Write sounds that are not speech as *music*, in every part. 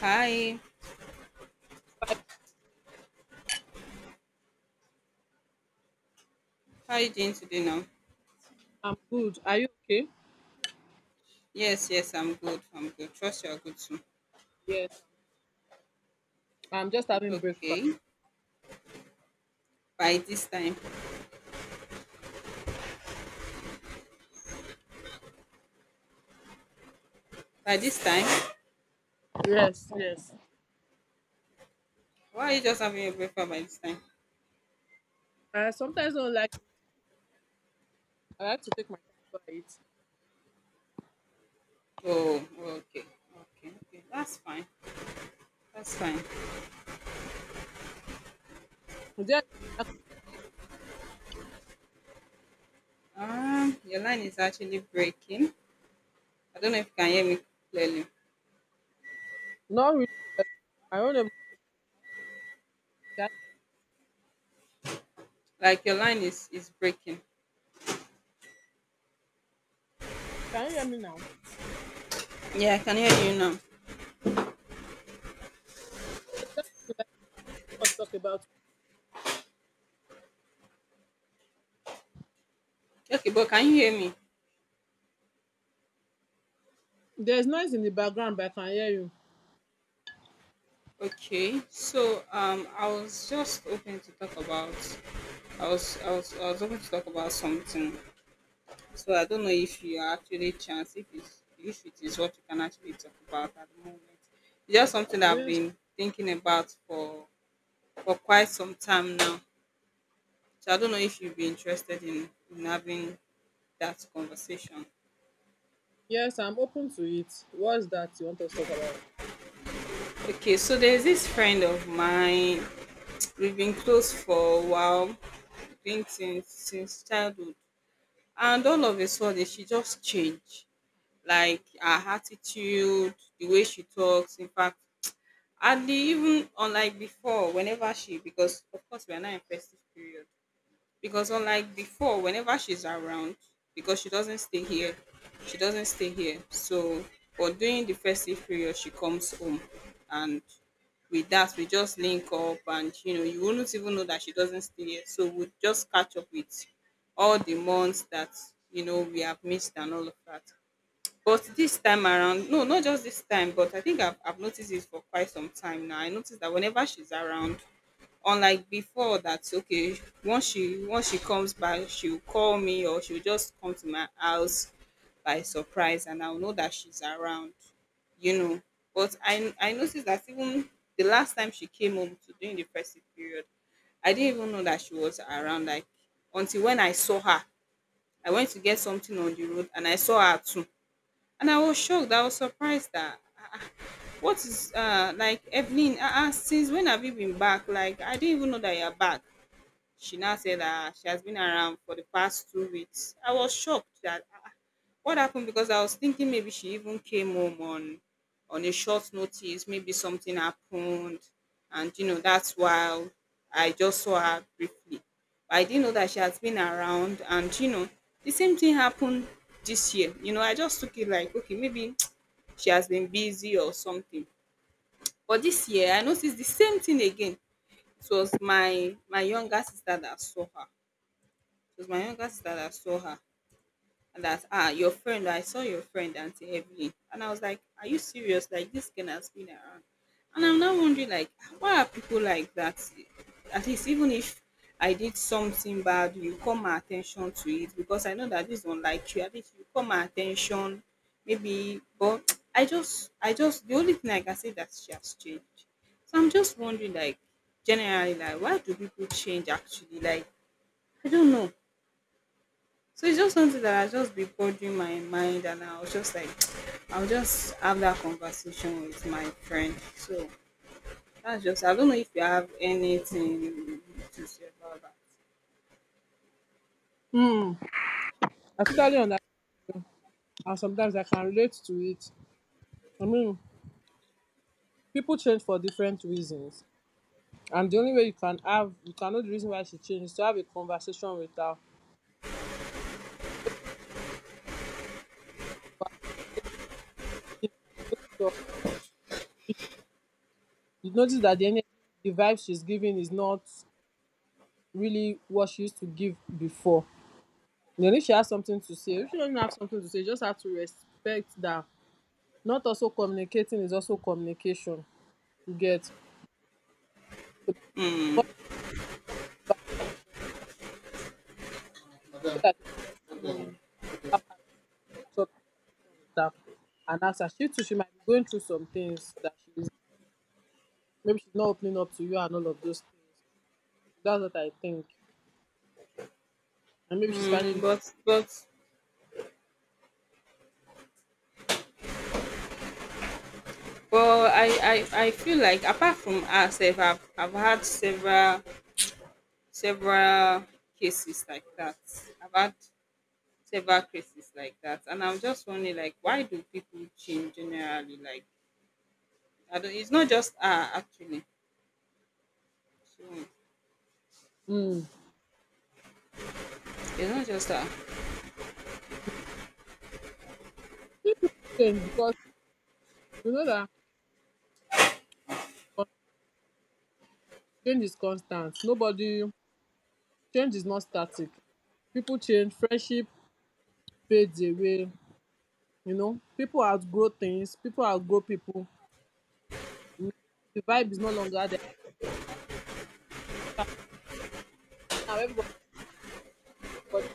Hi, Right, how are you doing today now? I'm good. Are you okay? Yes, yes, I'm good. I'm good. Trust you are good too. Yes, I'm just having breakfast. Okay. By this time. By this time? Yes, yes. Why are you just having your breakfast by this time? I sometimes don't like to eat. I like to take my time before I eat. Is Oh, okay. Okay, okay. That's fine. That's fine. there anything you like us to talk about? Your line is actually breaking. I don't know if you can hear me clearly. Not really. I don't know. Can, Like your line is breaking. can you hear me now? Yeah, I can hear you now. Let us talk about. Okay, but can you hear me? There's noise in the background, but I can hear you. Okay, so I was just hoping to talk about. I was hoping to talk about something. So I don't know if you are actually chance, if it is what you can actually talk about at the moment. It's just something that I've Yes, been thinking about for quite some time now. So I don't know if you'd be interested in having that conversation. yes, I'm open to it. What's that you want us to talk about? Okay, so there's this friend of mine. *tsk* We've been close for a while, been since childhood, and all of a sudden she just changed. Like her attitude, the way she talks. In fact, and the even unlike before, whenever she, because of course we are now in festive period. Because unlike before, whenever she's around, because she doesn't stay here, she doesn't stay here. So but during the festive period she comes home and with that we just link up, and you know you wouldn't even know that she doesn't stay here. So we will just catch up with all the months that you know we have missed and all of that. But this time around, no, not just this time, but I think I've noticed it for quite some time now. I noticed that whenever she's around, unlike before, that okay, once she comes back, she'll call me, or she'll just come to my house by surprise, and I'll know that she's around, you know. But I noticed that even the last time she came home to during the festive period, I didn't even know that she was around, like until when I saw her. I went to get something on the road and I saw her too. And I was shocked. I was surprised that what is like Evelyn, since when have you been back? Like I didn't even know that you're back. She now said that she has been around for the past 2 weeks. I was shocked that what happened, because I was thinking maybe she even came home on a short notice, maybe something happened, and you know that's why I just saw her briefly. I didn't know that she has been around, and you know the same thing happened this year. You know, I just took it like okay, maybe she has been busy or something. But this year, I noticed the same thing again. It was my younger sister that saw her. It was my younger sister that saw her that, ah, your friend, I saw your friend Auntie Evelyn. And I was like, are you serious? Like this girl has been around. And I'm now wondering, like why are people like that? At least even if I did something bad, you call my attention to it, because I know that this don't like you, at least you call my attention maybe. But *tsk* I just the only thing I can say that she has changed. So I'm just wondering, like generally, like why do people change actually? Like I don't know. So it's just something that I just be bothering my mind, and I was just like, *tsk* I'll just have that conversation with my friend. So that's just. I don't know if you have anything to say about that. Hmm. I totally understand. And sometimes I can relate to it. I mean, people change for different reasons. And the only way you can have, you can know the reason why she changed is to have a conversation with her. To notice of- You notice that the energy, the vibe she's giving is not really what she used to give before. Then if she has something to say, if she doesn't have something to say, you just have to respect that. Not also communicating is also communication. You get so Mm. because I feel like you have a mature conversation with her and ask her. She too, she might be going through some things that she's Maybe she's not opening up to you and all of those things. That's what I think. And maybe she's Mm, finding but but but I feel like apart from herself, I've had several cases like that. I've had several cases like that, and I'm just wondering, like why do people change generally? Like I don't, it's not just her actually. So mm, it's not just her. change because you know that con- change is constant. Nobody change is not static. People change, friendship fades away. You know, people outgrow things, people outgrow people. Mm, The vibe is no longer there. Now everybody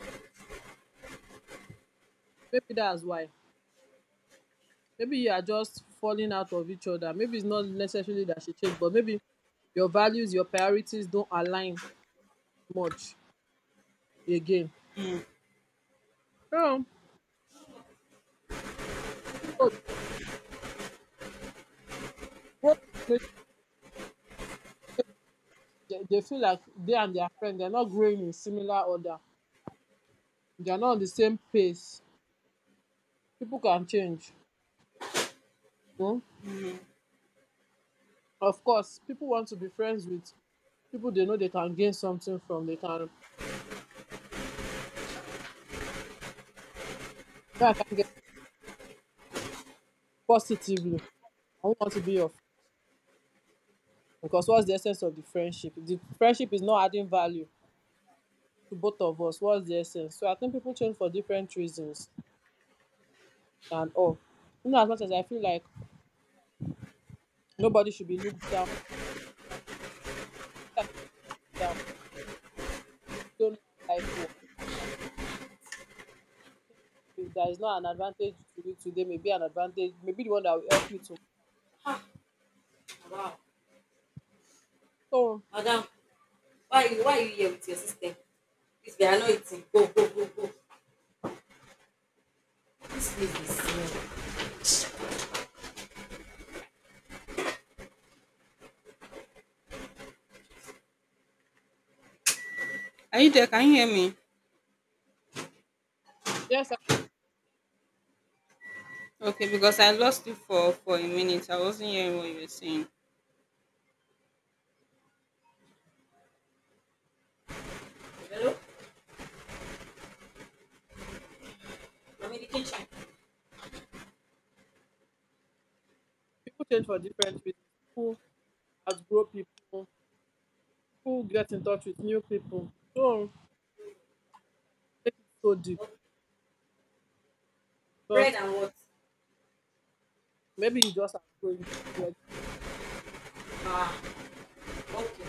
maybe that's why. Maybe you are just falling out of each other. Maybe it's not necessarily that she changed, but maybe your values, your priorities don't align much again. Yeah. So growth make dey dey feel like they and their friend they are not growing in similar order. They are not on the same pace. People can change, you know. Of course, people want to be friends with people they know they can gain something from. They can you I can get positively. I won't want to be your friend because what's the essence of the friendship? If the friendship is not adding value to both of us, what's the essence? So I think people change for different reasons and all. You know, as much as I feel like nobody should be looked down. We don't know how life works. If there is not an advantage to it today, maybe an advantage, maybe the one that will help you to. Ah, wow. So Madam, why you here with your system? This guy, I know it's in. Go, go, go, go. This place is small. Are you there? Can you hear me? yes, and Okay, because I lost you for a minute. I wasn't hearing what you were saying. Hello? I'm in the kitchen. people change for different reasons. People outgrow people. People get in touch with new people. So it is so deep Oh, bread because and what? maybe you just outgrowing people. Ah, okay,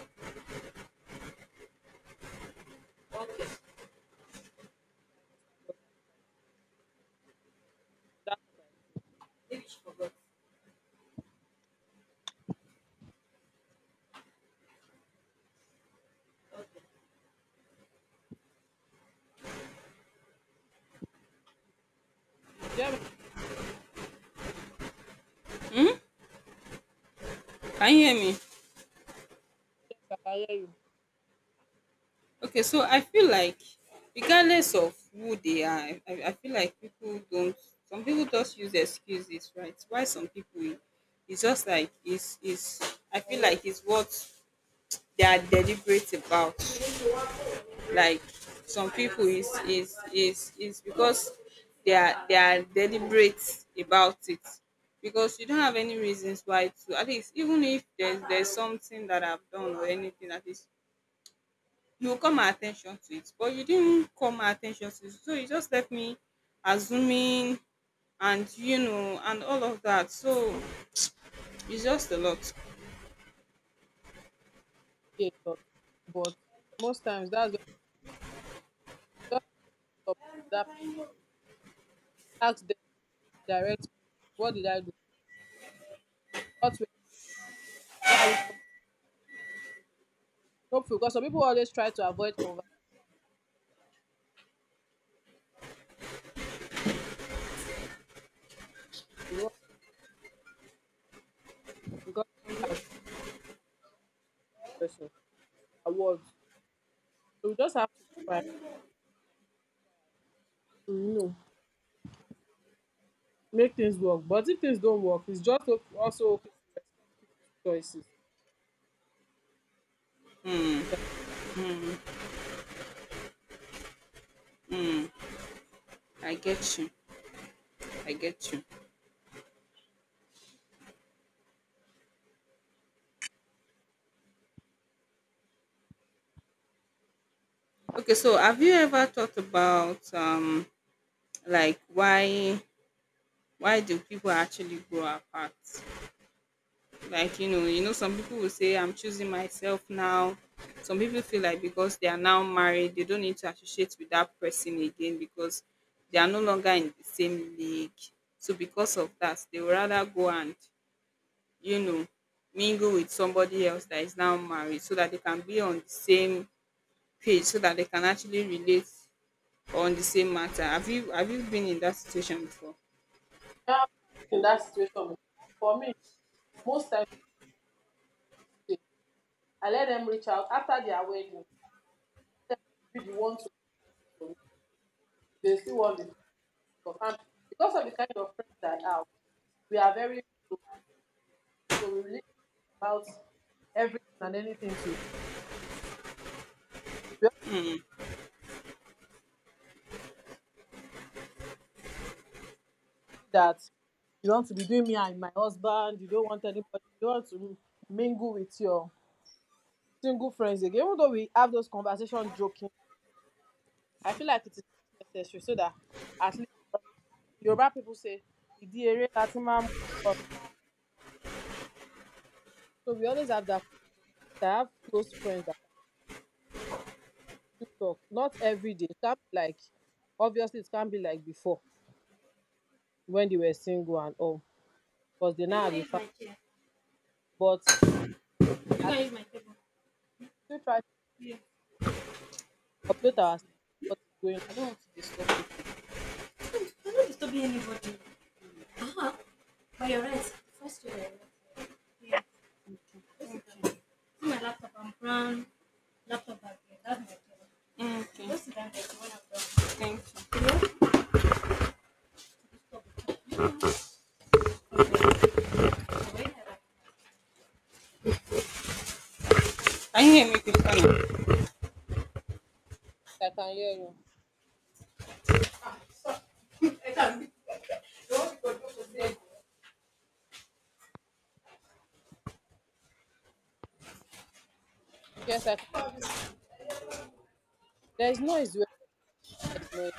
okay. That's what I feel. Maybe she forgot. Okay. There are many Hmm? Can you hear me? things I can hear you Okay, so I feel like regardless of who they are, I feel like people don't. Some people just use excuses, right? Why some people, it's just like it's. I feel like it's what they are deliberate about. Like some people is because they are deliberate about it. Because you don't have any reasons why to, at least even if there's something that I've done or anything, at least you call my attention to it, but you didn't call my attention to it. So you just left me assuming, and you know, and all of that. So it's just a lot. be a lot, but most times that's why you just stop with that. Ask them direct. What did I do? What were why are we? No, because some people always try to avoid conversation. You know, because person, their words. So we just have to try to make things work. But if things don't work, it's just also okay to respect people's choices. Yeah. Hmm. Hmm. I get you. I get you. Okay, so have you ever thought about like why do people actually grow apart? Like you know some people will say I'm choosing myself now. Some people feel like because they are now married, they don't need to associate with that person again, because they are no longer in the same league. So because of that, they would rather go and, you know, mingle with somebody else that is now married, so that they can be on the same page, so that they can actually relate on the same matter. Have you been in that situation before? Yeah, in that situation. For me, most times eh, I let them reach out after their wedding. Let them be the ones to go for me. They still want the friend stuff. And because of the kind of friends that are, we are very close. So we really talk about everything and anything too. We always have that you want to be doing me and my husband, you don't want anybody, you don't want to mingle with your single friends again. Even though we have those conversations joking, I feel like it is not necessary so that at least, Yoruba people say, "Ìdí eré la. So we always have that conversation. I have close friends that I talk. Not every day. It can't be like, obviously, it can't be like before when they were single and all, because they now have a family. But I still try to Yeah. update ourselves what is going on. I don't want to disturb you. I'm not disturbing anybody. But you're right. First year, yeah. Okay. My laptop, I'm brown. Laptop back there. That's my job. Okay. Just that when I'm done. Thank you. You know, stop it. Like- Can you hear me, Christiana? Yes, I can hear you. Yes, I can. There is noise where there is noise.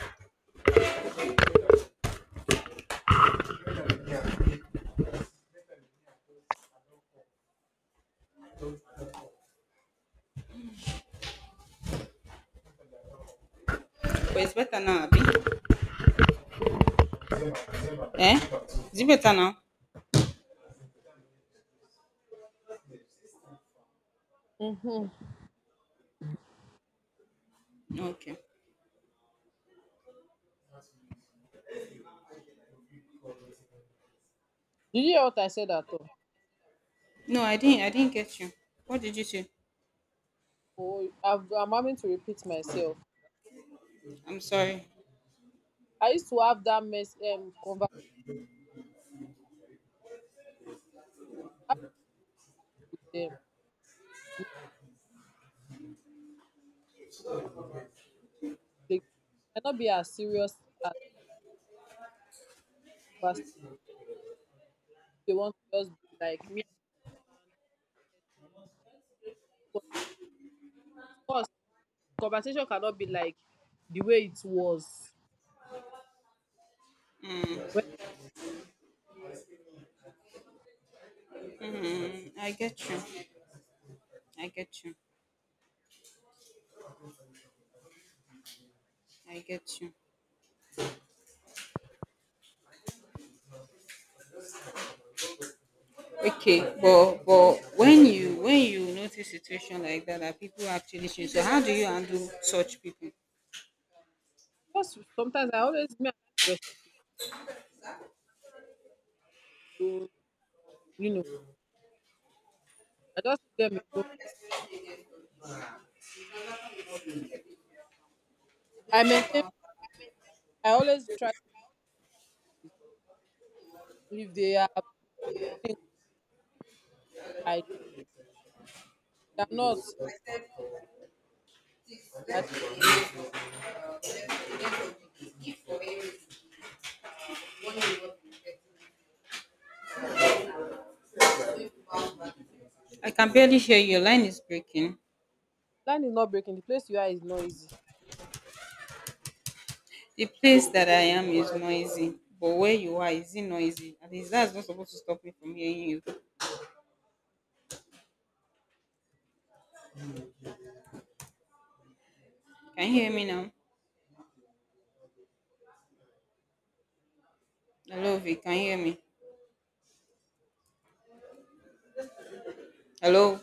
But it's better now, Abby. Eh? Is it better now? Mm-hmm. Did Okay. you hear what I said at all? No, I didn't. I didn't get you. What did you say? Oh, I'm having to repeat myself. I'm sorry. I used to have that mess conversation with them. They might not be as serious as conversation. They want to just be like me and Stan, but of course, conversation cannot be like the way it was Hmm. when Hmm. I get you. I get you. I get you. Okay, but when you notice situation like that, that people actually change, so how do you handle such people? I just sometimes I always me I like to respect people alone. You know, I just leave them alone. I maintain. I always try to if they are things like you are not I I can barely hear you. Your line is breaking. land is not breaking. The place you are is not easy. The place that I am is noisy, but where you are, is it noisy? At least that's not supposed to stop me from hearing you. Can you hear me now? Hello V, can you hear me? Hello,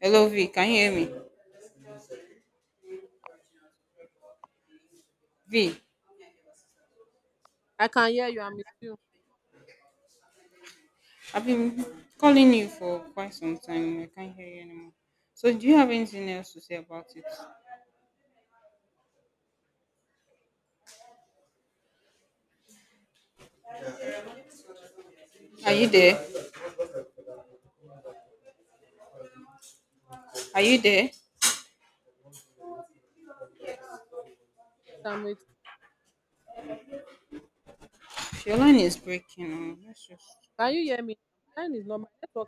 hello V, can you hear me? V, I can hear you, I'm with you. I've been calling you for quite some time. I can't hear you anymore. So do you have anything else to say about it? Are you there? Are you there? Yes, I'm with you. Your line is breaking. Let's just Can you hear me? My line is not my network